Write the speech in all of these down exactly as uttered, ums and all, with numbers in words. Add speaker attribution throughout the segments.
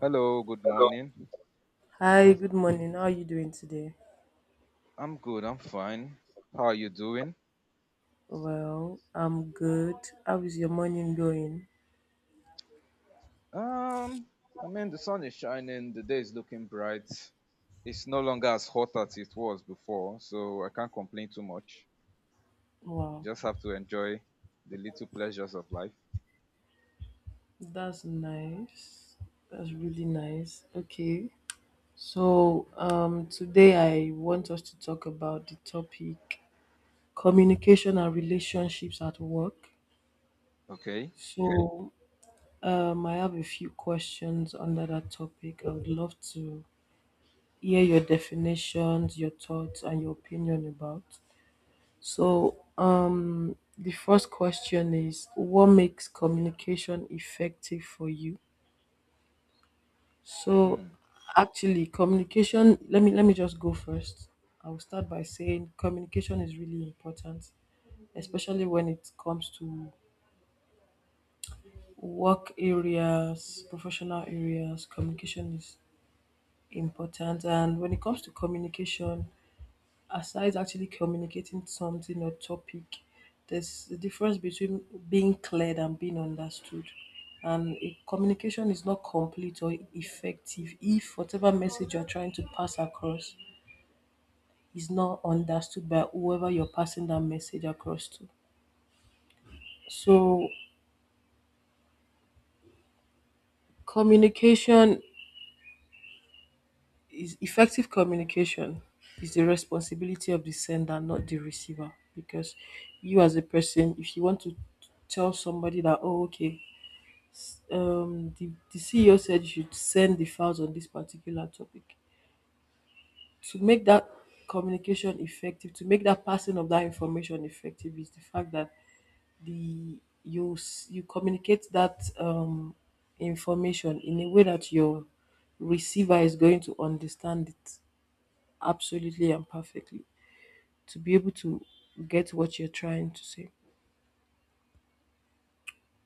Speaker 1: Hello, good
Speaker 2: Hello.
Speaker 1: morning.
Speaker 2: Hi, good morning. How are you doing today?
Speaker 1: I'm good, I'm fine. How are you doing?
Speaker 2: Well, I'm good. How is your morning going?
Speaker 1: Um, I mean, the sun is shining, the day is looking bright. It's no longer as hot as it was before, so I can't complain too much.
Speaker 2: Wow,
Speaker 1: Just have to enjoy the little pleasures of life.
Speaker 2: that's nice. That's really nice. Okay. So, um, today I want us to talk about the topic communication and relationships at work.
Speaker 1: Okay?
Speaker 2: So, um, I have a few questions under that topic. I would love to hear your definitions, your thoughts, and your opinion about. So, um, the first question is, what makes communication effective for you? So,
Speaker 1: Hmm.
Speaker 2: actually, communication. Let me let me just go first. I will start by saying communication is really important, especially when it comes to work areas, professional areas. Communication is important, and when it comes to communication, aside actually communicating something or topic, there's a difference between being cleared and being understood. And a communication is not complete or effective if whatever message you're trying to pass across is not understood by whoever you're passing that message across to. So, communication is Effective communication is the responsibility of the sender, not the receiver. Because you, as a person, if you want to tell somebody that, oh, okay, um, the, the C E O said you should send the files on this particular topic. To make that communication effective, to make that passing of that information effective, is the fact that the you s- you communicate that um, information in a way that your receiver is going to understand it absolutely and perfectly to be able to get what you're trying to say.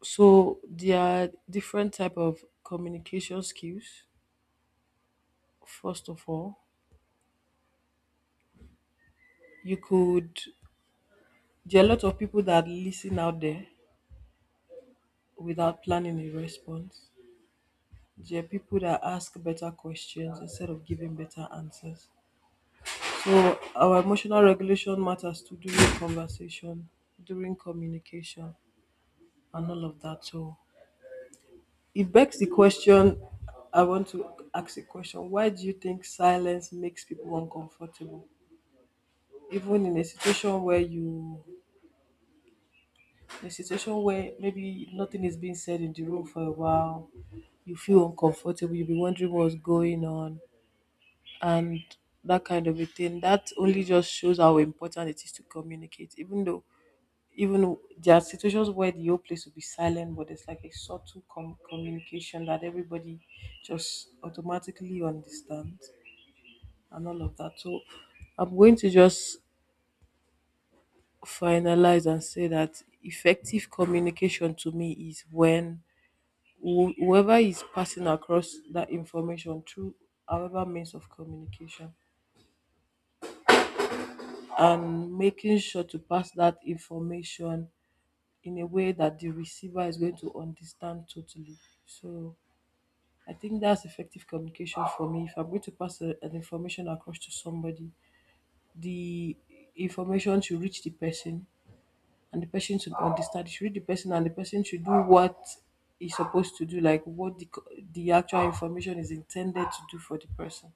Speaker 2: So there are different type of communication skills. First of all, you could there are a lot of people that listen out there without planning a response. There are people that ask better questions instead of giving better answers. So our emotional regulation matters too during conversation, during communication, and all of that. So it begs the question I want to ask a question. Why do you think silence makes people uncomfortable? Even in a situation where you a situation where maybe nothing is being said in the room for a while, you feel uncomfortable, you'll be wondering what's going on, and that kind of a thing. That only just shows how important it is to communicate, even though even though there are situations where the whole place will be silent, but it's like a subtle com- communication that everybody just automatically understands and all of that. So I'm going to just finalize and say that effective communication to me is when who- whoever is passing across that information through however means of communication and making sure to pass that information in a way that the receiver is going to understand totally. So I think that's effective communication for me. If I'm going to pass a- an information across to somebody, the information should reach the person and the person should understand. It should reach the person and the person should do what is supposed to do, like what the, co- the actual information is intended to do for the person.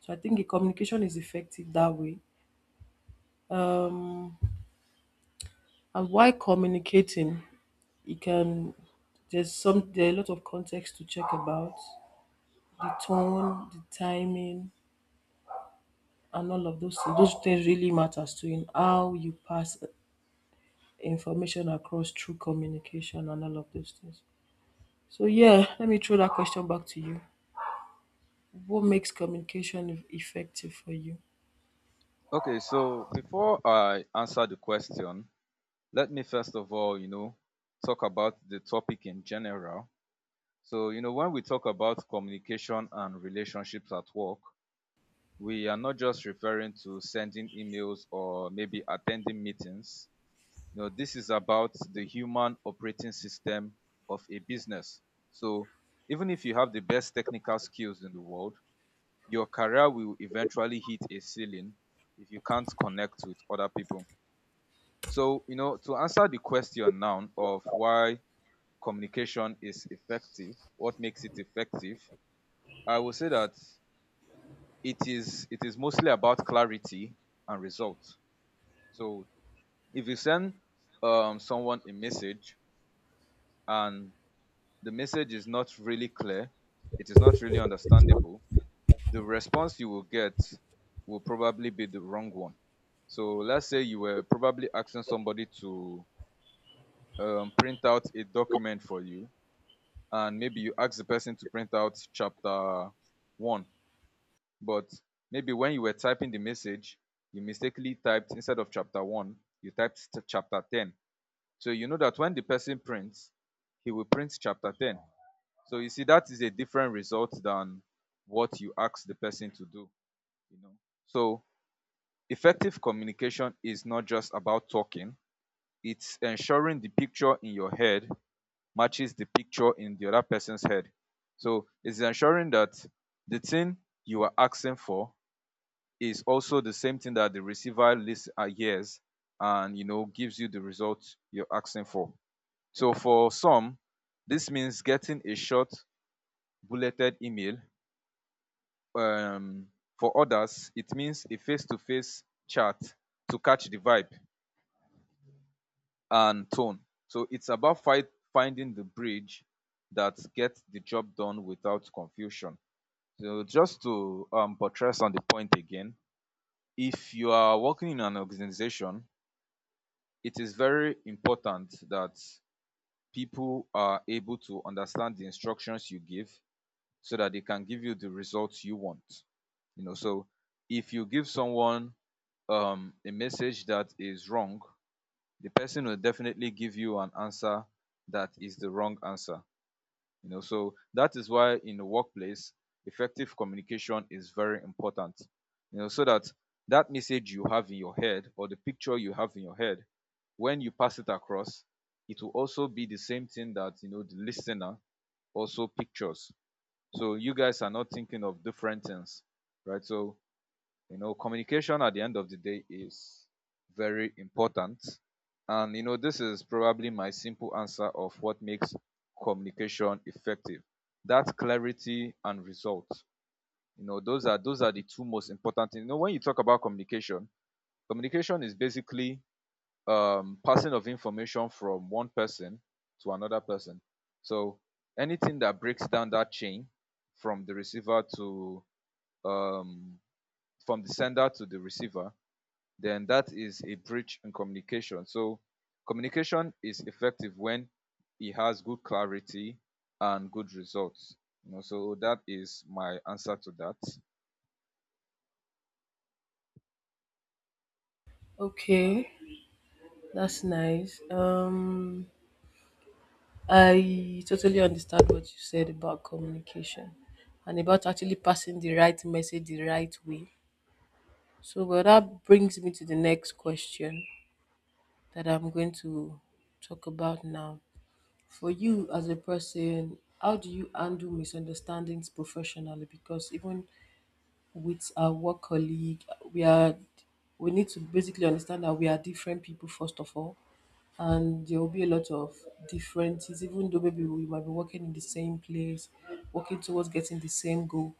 Speaker 2: So I think the communication is effective that way. Um, and while communicating, you can there's some there are a lot of context to check about the tone, the timing, and all of those things. Those things really matters to in how you pass information across through communication and all of those things. So yeah, let me throw that question back to you. What makes communication effective for you?
Speaker 1: Okay, so before I answer the question, let me first of all, you know, talk about the topic in general. So, you know, when we talk about communication and relationships at work, we are not just referring to sending emails or maybe attending meetings. No, this is about the human operating system of a business. So even if you have the best technical skills in the world, your career will eventually hit a ceiling if you can't connect with other people. So, you know, to answer the question now of why communication is effective, what makes it effective, I will say that it is it is mostly about clarity and results. So if you send um, someone a message and the message is not really clear, it is not really understandable, the response you will get will probably be the wrong one. So let's say you were probably asking somebody to um, print out a document for you, and maybe you asked the person to print out chapter one, but maybe when you were typing the message, you mistakenly typed, instead of chapter one, you typed st- chapter ten. So you know that when the person prints, he will print chapter ten. So you see, that is a different result than what you ask the person to do, you know. So effective communication is not just about talking, it's ensuring the picture in your head matches the picture in the other person's head. So it's ensuring that the thing you are asking for is also the same thing that the receiver list uh, hears and, you know, gives you the result you're asking for. So for some, this means getting a short bulleted email. Um, for others, it means a face to face chat to catch the vibe and tone. So it's about fight, finding the bridge that gets the job done without confusion. So just to um, buttress on the point again, if you are working in an organization, it is very important that people are able to understand the instructions you give so that they can give you the results you want, you know. So if you give someone um, a message that is wrong, the person will definitely give you an answer that is the wrong answer, you know. So that is why in the workplace effective communication is very important, you know, so that that message you have in your head or the picture you have in your head, when you pass it across, it will also be the same thing that, you know, the listener also pictures, so you guys are not thinking of different things, right? So, you know, communication at the end of the day is very important. And, you know, this is probably my simple answer of what makes communication effective. That clarity and result. You know, those are those are the two most important things. You know, when you talk about communication, communication is basically um, passing of information from one person to another person. So anything that breaks down that chain from the receiver to um, from the sender to the receiver, then that is a breach in communication. So communication is effective when it has good clarity and good results. You know, so that is my answer to that.
Speaker 2: Okay, that's nice. Um, I totally understand what you said about communication and about actually passing the right message the right way. So, well, that brings me to the next question that I'm going to talk about now. For you as a person, how do you handle misunderstandings professionally? Because even with our work colleague, we are we need to basically understand that we are different people first of all, and there will be a lot of differences, even though maybe we might be working in the same place, working towards getting the same goal.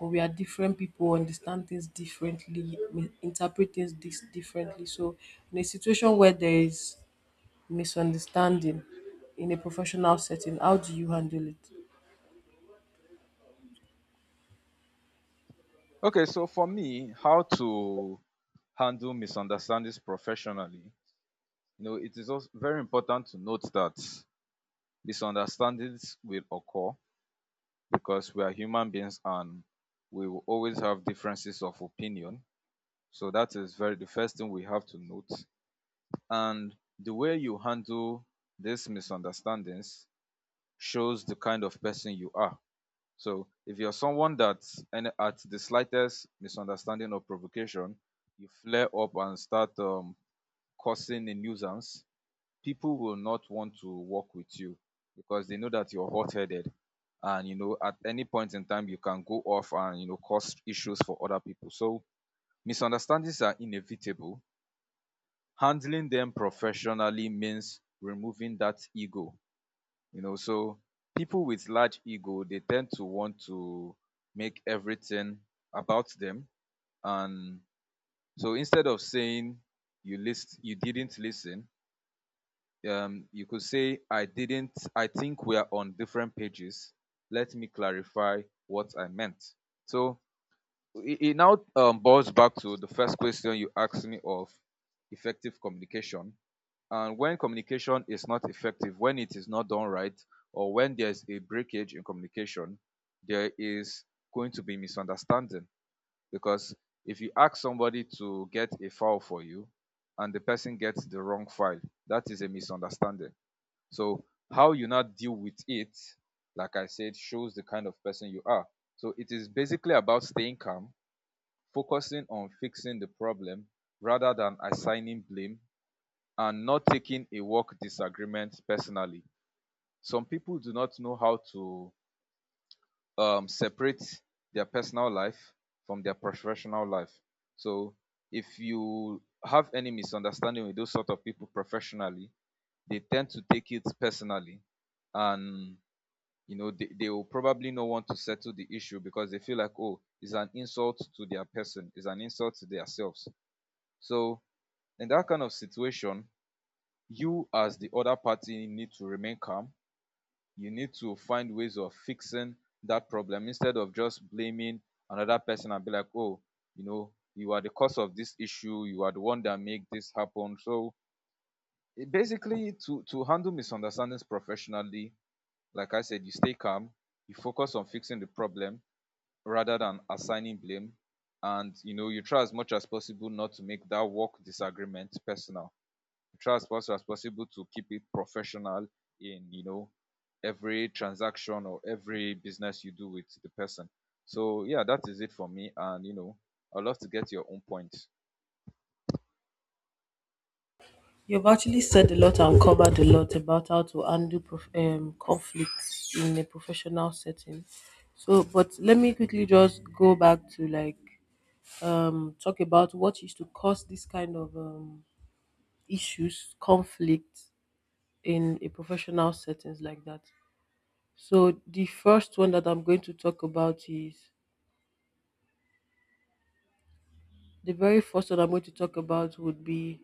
Speaker 2: But we are different people, understand things differently, mi- interpret things dis- differently. So, in a situation where there is misunderstanding in a professional setting, how do you handle it?
Speaker 1: Okay, so for me, how to handle misunderstandings professionally. You know, it is also very important to note that misunderstandings will occur because we are human beings and we will always have differences of opinion. So that is very the first thing we have to note. And the way you handle these misunderstandings shows the kind of person you are. So if you're someone that, and at the slightest misunderstanding or provocation, you flare up and start um, causing a nuisance, people will not want to work with you because they know that you're hot-headed and, you know, at any point in time you can go off and, you know, cause issues for other people. So misunderstandings are inevitable. Handling them professionally means removing that ego, you know. So people with large ego, they tend to want to make everything about them, and so instead of saying you list you didn't listen, um, you could say, I didn't, I think we are on different pages. Let me clarify what I meant. So it, it now um, boils back to the first question you asked me of effective communication. And when communication is not effective, when it is not done right, or when there's a breakage in communication, there is going to be misunderstanding. Because if you ask somebody to get a file for you and the person gets the wrong file, that is a misunderstanding. So how you now deal with it, like I said, shows the kind of person you are. So it is basically about staying calm, focusing on fixing the problem rather than assigning blame, and not taking a work disagreement personally. Some people do not know how to um, separate their personal life from their professional life. So if you have any misunderstanding with those sort of people professionally, they tend to take it personally, and you know they, they will probably not want to settle the issue because they feel like, oh, it's an insult to their person, it's an insult to themselves. So in that kind of situation, you as the other party need to remain calm, you need to find ways of fixing that problem instead of just blaming another person and be like, oh, you know, you are the cause of this issue, you are the one that make this happen. So it basically, to to handle misunderstandings professionally, like I said, you stay calm, you focus on fixing the problem rather than assigning blame, and, you know, you try as much as possible not to make that work disagreement personal. You try as much as possible to keep it professional in, you know, every transaction or every business you do with the person. So yeah, that is it for me, and, you know, I'd love to get your own point.
Speaker 2: You've actually said a lot and covered a lot about how to handle prof- um, conflicts in a professional setting. So, but let me quickly just go back to like um, talk about what is to cause this kind of um, issues, conflict in a professional settings like that. So the first one that I'm going to talk about is the very first one I'm going to talk about would be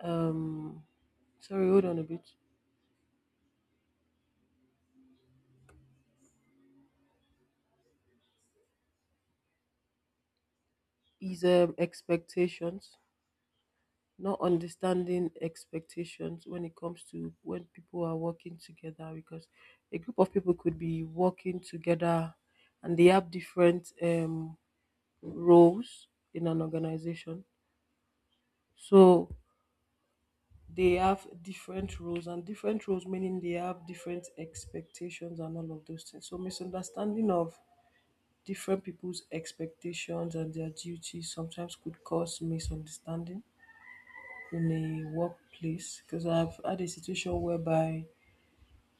Speaker 2: um, sorry, hold on a bit. Is um, expectations, not understanding expectations when it comes to when people are working together, because a group of people could be working together and they have different um roles in an organization. So they have different roles, and different roles meaning they have different expectations and all of those things. So misunderstanding of different people's expectations and their duties sometimes could cause misunderstanding in a workplace, because I've had a situation whereby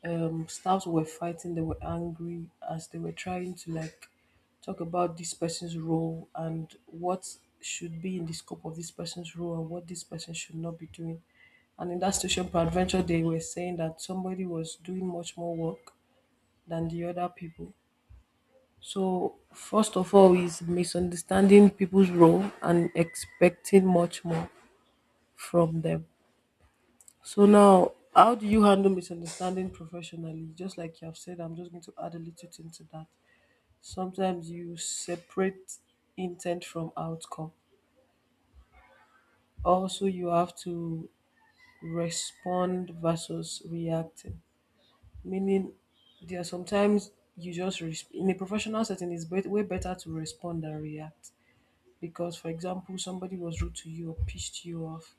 Speaker 2: um staffs were fighting. They were angry as they were trying to like talk about this person's role and what should be in the scope of this person's role and what this person should not be doing. And in that station, peradventure, they were saying that somebody was doing much more work than the other people. So first of all is misunderstanding people's role and expecting much more from them. So now, how do you handle misunderstanding professionally? Just like you have said, I'm just going to add a little thing to that. Sometimes you separate intent from outcome. Also, you have to respond versus reacting, meaning there are sometimes you just res- in a professional setting it's bet- way better to respond than react. Because, for example, somebody was rude to you or pissed you off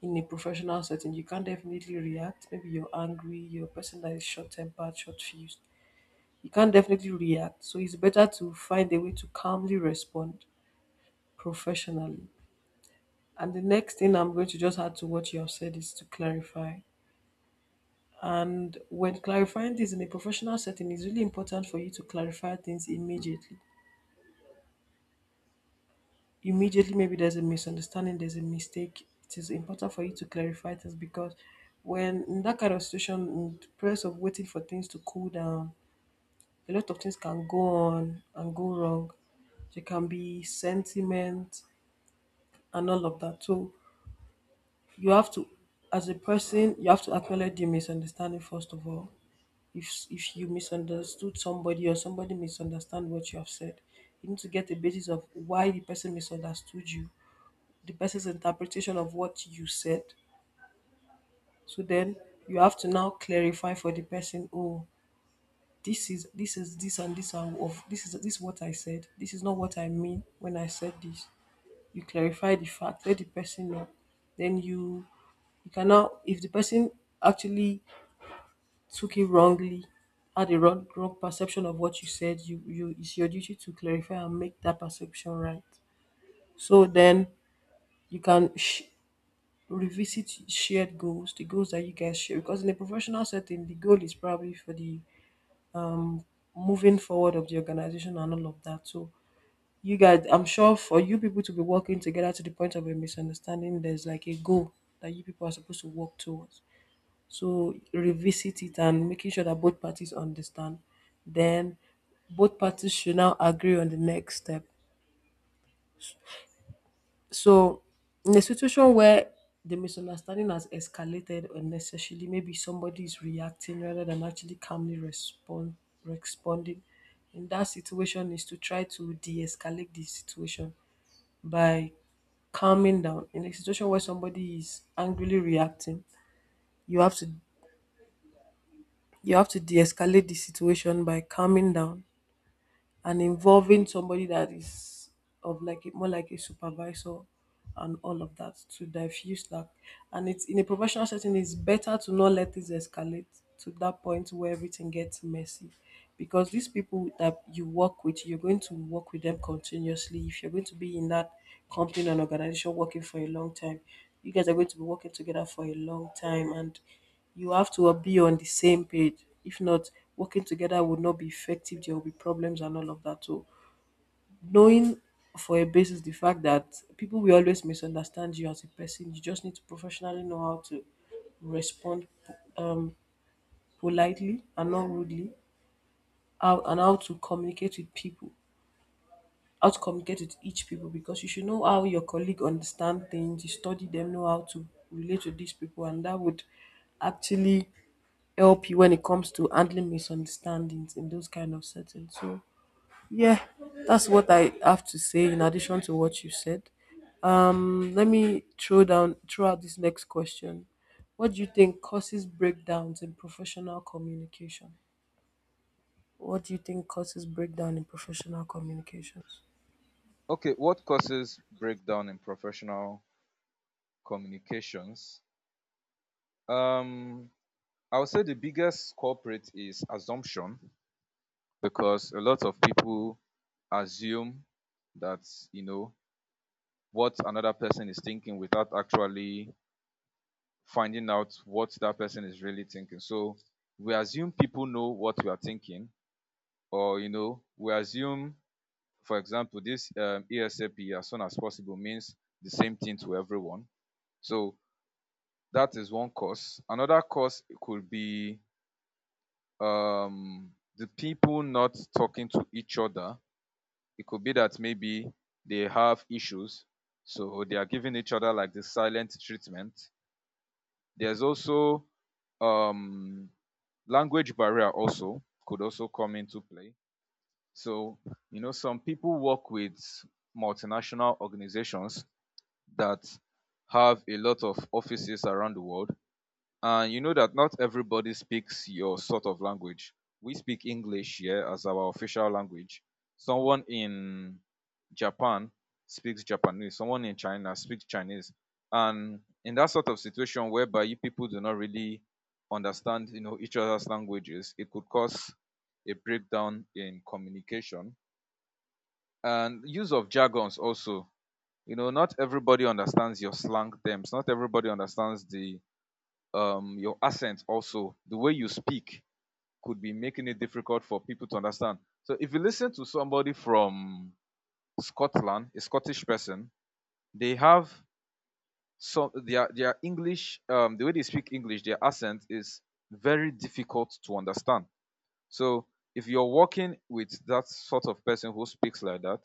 Speaker 2: in a professional setting, you can't definitely react. Maybe you're angry. You're a person that is short tempered, short fused. You can't definitely react. So it's better to find a way to calmly respond professionally. And the next thing I'm going to just add to what you have said is to clarify. And when clarifying things in a professional setting, it's really important for you to clarify things immediately immediately. Maybe there's a misunderstanding, there's a mistake, it is important for you to clarify this. Because when in that kind of situation, in the process of waiting for things to cool down, a lot of things can go on and go wrong. There can be sentiment and all of that. So you have to, as a person, you have to acknowledge the misunderstanding first of all. If if you misunderstood somebody or somebody misunderstand what you have said, you need to get a basis of why the person misunderstood you, the person's interpretation of what you said. So then you have to now clarify for the person, oh, this is this is this and this and of this is this is what I said. This is not what I mean when I said this. You clarify the fact, let the person know. Then you you can now, if the person actually took it wrongly, had a wrong wrong perception of what you said, you you it's your duty to clarify and make that perception right. So then you can sh- revisit shared goals, the goals that you guys share. Because in a professional setting, the goal is probably for the moving forward of the organization and all of that. So you guys, I'm sure for you people to be working together to the point of a misunderstanding, there's like a goal that you people are supposed to work towards. So revisit it and making sure that both parties understand. Then both parties should now agree on the next step. So, in a situation where the misunderstanding has escalated unnecessarily, maybe somebody is reacting rather than actually calmly respond responding. In that situation, is to try to de-escalate the situation by calming down. In a situation where somebody is angrily reacting, you have to you have to de-escalate the situation by calming down and involving somebody that is of like a, more like a supervisor and all of that to diffuse that. And it's in a professional setting it's better to not let this escalate to that point where everything gets messy. Because these people that you work with, you're going to work with them continuously if you're going to be in that company and organization working for a long time. You guys are going to be working together for a long time, and you have to be on the same page. If not, working together would not be effective. There will be problems and all of that. So, knowing for a basis the fact that people will always misunderstand you as a person, you just need to professionally know how to respond um, politely and not rudely, how, and how to communicate with people. How to communicate with each people because you should know how your colleague understand things, you study them, know how to relate with these people, and that would actually help you when it comes to handling misunderstandings in those kind of settings. So yeah, that's what I have to say in addition to what you said. Um, let me throw down throw out this next question. What do you think causes breakdowns in professional communication? What do you think causes breakdown in professional communications?
Speaker 1: Okay, what causes breakdown in professional communications? um I would say the biggest culprit is assumption, because a lot of people assume that, you know, what another person is thinking without actually finding out what that person is really thinking. So we assume people know what we are thinking, or, you know, we assume, for example, this um, E S A P, as soon as possible, means the same thing to everyone. So that is one cause. Another cause could be um, the people not talking to each other. It could be that maybe they have issues, so they are giving each other like the silent treatment. There's also um, language barrier also could also come into play. So, you know, some people work with multinational organizations that have a lot of offices around the world, and, you know, that not everybody speaks your sort of language. We speak English here as our official language. Someone in Japan speaks Japanese, someone in China speaks Chinese. And in that sort of situation whereby you people do not really understand, you know, each other's languages, it could cause a breakdown in communication. And use of jargons also. You know, not everybody understands your slang terms. Not everybody understands the um, your accent. Also the way you speak could be making it difficult for people to understand. So if you listen to somebody from Scotland, a Scottish person, they have some, their their English, um, the way they speak English, their accent is very difficult to understand. So if you're working with that sort of person who speaks like that,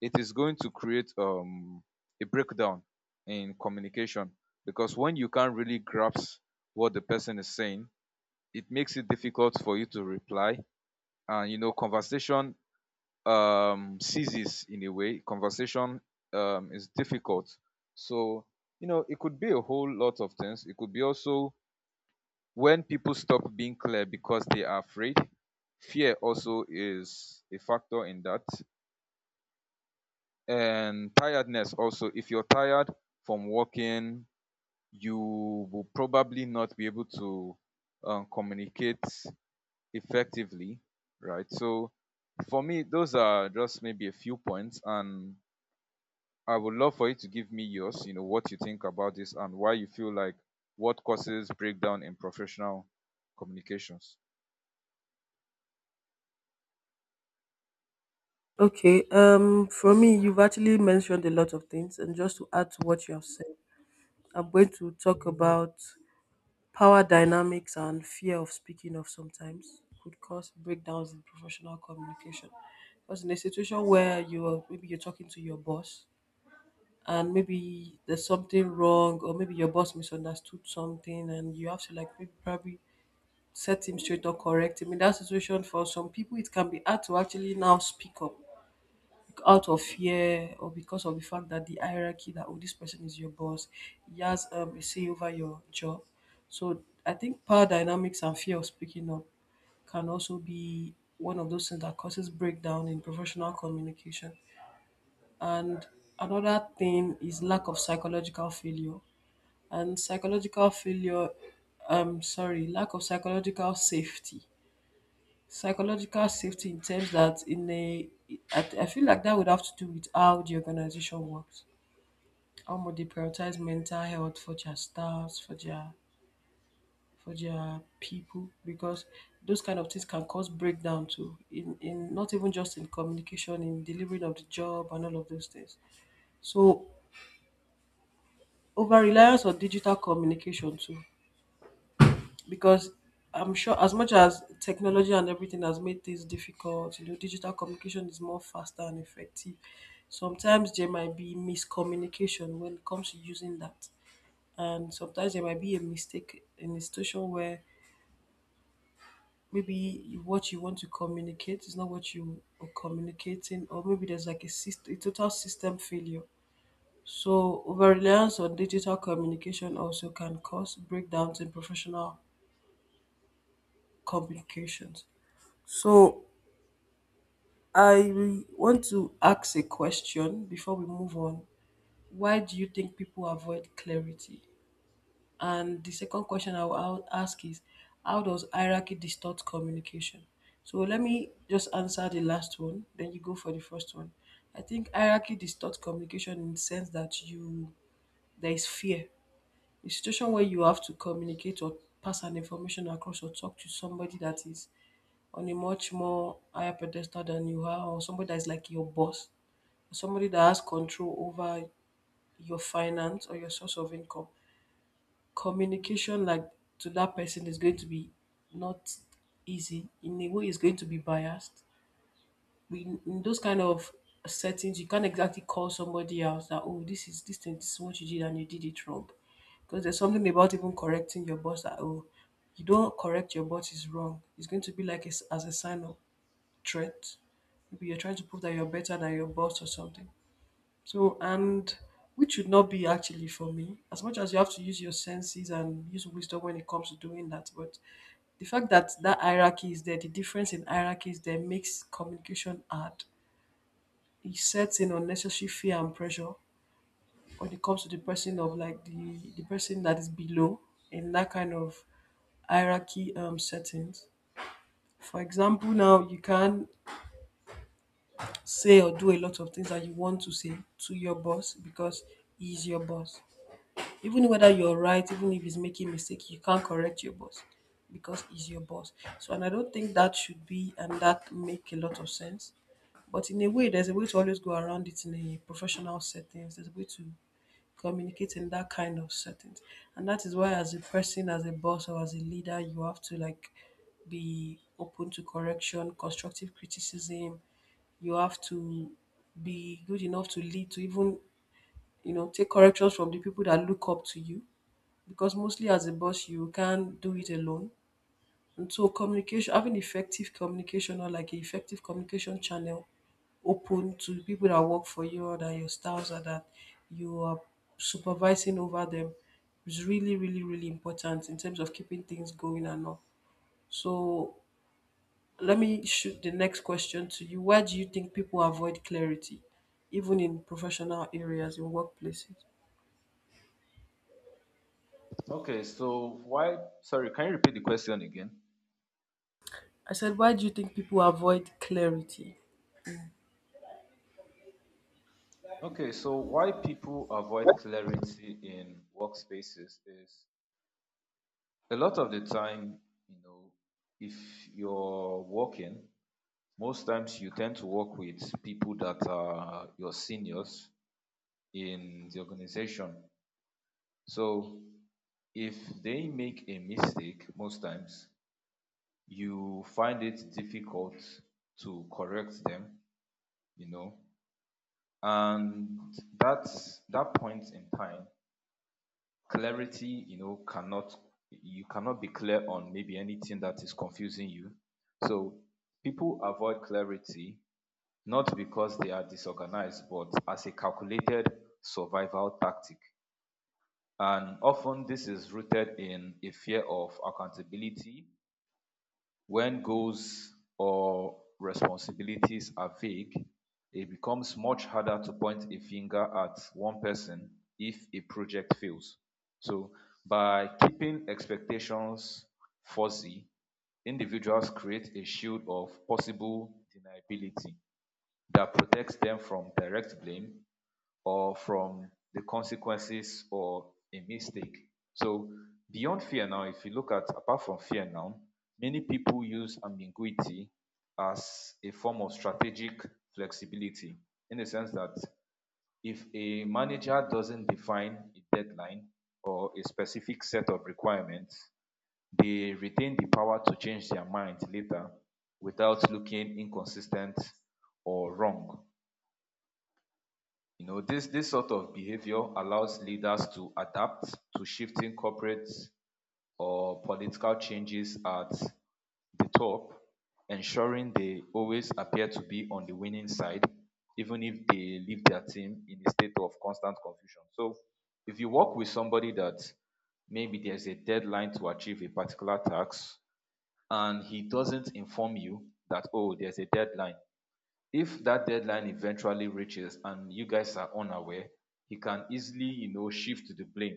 Speaker 1: it is going to create um, a breakdown in communication, because when you can't really grasp what the person is saying, it makes it difficult for you to reply, and, you know, conversation um ceases. In a way, conversation um is difficult. So, you know, it could be a whole lot of things. It could be also when people stop being clear because they are afraid. Fear also is a factor in that. And tiredness also. If you're tired from working, you will probably not be able to um, communicate effectively, right? So for me, those are just maybe a few points, and I would love for you to give me yours. You know, what you think about this and why you feel like what causes breakdown in professional communications.
Speaker 2: Okay, um, for me, you've actually mentioned a lot of things, and just to add to what you have said, I'm going to talk about power dynamics and fear of speaking of sometimes could cause breakdowns in professional communication. Because in a situation where you are maybe you're talking to your boss, and maybe there's something wrong, or maybe your boss misunderstood something, and you have to like maybe probably set him straight or correct him. In that situation, for some people, it can be hard to actually now speak up out of fear or because of the fact that the hierarchy, that oh, this person is your boss, he has um, a say over your job. So I think power dynamics and fear of speaking up can also be one of those things that causes breakdown in professional communication. And another thing is lack of psychological failure. And psychological failure, um, sorry, lack of psychological safety. Psychological safety in terms that in a I, I feel like that would have to do with how the organization works, how much they prioritize mental health for their staffs, for their, for their people, because those kind of things can cause breakdown too, in in not even just in communication, in delivering of the job and all of those things. So over reliance on digital communication too, because I'm sure as much as technology and everything has made things difficult, you know, digital communication is more faster and effective. Sometimes there might be miscommunication when it comes to using that. And sometimes there might be a mistake in a situation where maybe what you want to communicate is not what you are communicating, or maybe there's like a, system, a total system failure. So, over reliance on digital communication also can cause breakdowns in professional communications. So, I want to ask a question before we move on. Why do you think people avoid clarity? And the second question I will I ask is, how does hierarchy distort communication? So let me just answer the last one, then you go for the first one. I think hierarchy distorts communication in the sense that you, there is fear. The situation where you have to communicate or pass an information across or talk to somebody that is on a much more higher pedestal than you are, or somebody that is like your boss, somebody that has control over your finance or your source of income, communication like to that person is going to be not easy. In a way, it's going to be biased. We, in those kind of settings, you can't exactly call somebody else that oh, this is this thing, this is what you did and you did it wrong, because there's something about even correcting your boss, that oh, you don't correct your boss is wrong. It's going to be like a s as a sign of threat. Maybe you're trying to prove that you're better than your boss or something. So, and which should not be actually, for me, as much as you have to use your senses and use wisdom when it comes to doing that. But the fact that that hierarchy is there, the difference in hierarchy is there, makes communication hard. It sets in unnecessary fear and pressure when it comes to the person of like the, the person that is below in that kind of hierarchy um, settings. For example, now you can say or do a lot of things that you want to say to your boss, because he's your boss, even whether you're right, even if he's making mistake, you can't correct your boss because he's your boss. So, and I don't think that should be, and that make a lot of sense. But in a way, there's a way to always go around it in a professional settings. There's a way to communicate in that kind of settings, and that is why, as a person, as a boss, or as a leader, you have to like be open to correction, constructive criticism. You have to be good enough to lead, to even you know take corrections from the people that look up to you, because mostly as a boss you can't do it alone. And so communication, having effective communication, or like effective communication channel open to people that work for you, or that your staffs, or that you are supervising over them, is really, really, really important in terms of keeping things going and all. So let me shoot the next question to you. Why do you think people avoid clarity, even in professional areas, in workplaces?
Speaker 1: Okay, so why, sorry, can you repeat the question again?
Speaker 2: I said, why do you think people avoid clarity?
Speaker 1: Okay, so why people avoid clarity in workspaces is a lot of the time, you know, if you're working, most times you tend to work with people that are your seniors in the organization. So if they make a mistake, most times you find it difficult to correct them, you know, and that that point in time, clarity, you know, cannot, you cannot be clear on maybe anything that is confusing you. So people avoid clarity not because they are disorganized, but as a calculated survival tactic. And often this is rooted in a fear of accountability. When goals or responsibilities are vague, it becomes much harder to point a finger at one person if a project fails. So, by keeping expectations fuzzy, individuals create a shield of possible deniability that protects them from direct blame or from the consequences or a mistake. So beyond fear now, if you look at, apart from fear now, many people use ambiguity as a form of strategic flexibility, in the sense that if a manager doesn't define a deadline or a specific set of requirements, they retain the power to change their mind later without looking inconsistent or wrong. You know, this, this sort of behavior allows leaders to adapt to shifting corporate or political changes at the top, ensuring they always appear to be on the winning side, even if they leave their team in a state of constant confusion. So, if you work with somebody that, maybe there's a deadline to achieve a particular task and he doesn't inform you that, oh, there's a deadline, if that deadline eventually reaches and you guys are unaware, he can easily, you know, shift the blame.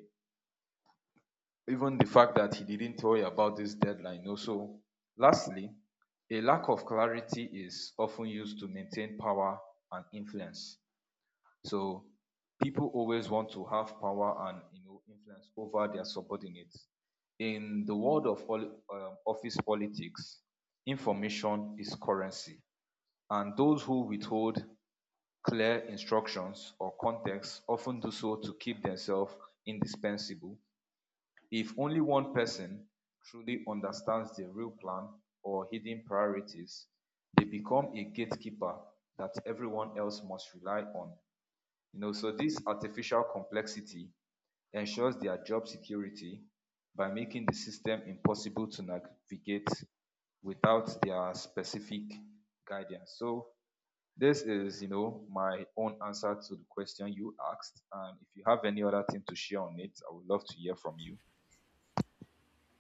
Speaker 1: Even the fact that he didn't tell you about this deadline. Also, lastly, a lack of clarity is often used to maintain power and influence. So people always want to have power and, you know, influence over their subordinates. In the world of poli- um, office politics, information is currency, and those who withhold clear instructions or context often do so to keep themselves indispensable. If only one person truly understands the real plan or hidden priorities, they become a gatekeeper that everyone else must rely on. You know, so this artificial complexity ensures their job security by making the system impossible to navigate without their specific guidance. So this is, you know, my own answer to the question you asked. And if you have any other thing to share on it, I would love to hear from you.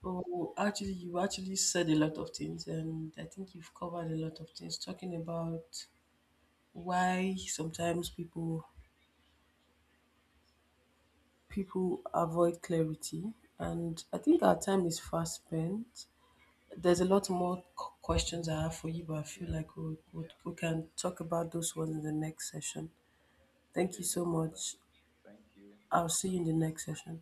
Speaker 2: Oh, actually, you actually said a lot of things, and I think you've covered a lot of things, talking about why sometimes people people avoid clarity, and I think our time is fast spent. There's a lot more q- questions I have for you, but I feel
Speaker 1: Yeah.
Speaker 2: like we, we, we can talk about those ones in the next session. Thank
Speaker 1: Okay,
Speaker 2: you
Speaker 1: no
Speaker 2: so
Speaker 1: problem.
Speaker 2: much.
Speaker 1: Thank you.
Speaker 2: I'll see you in the next session.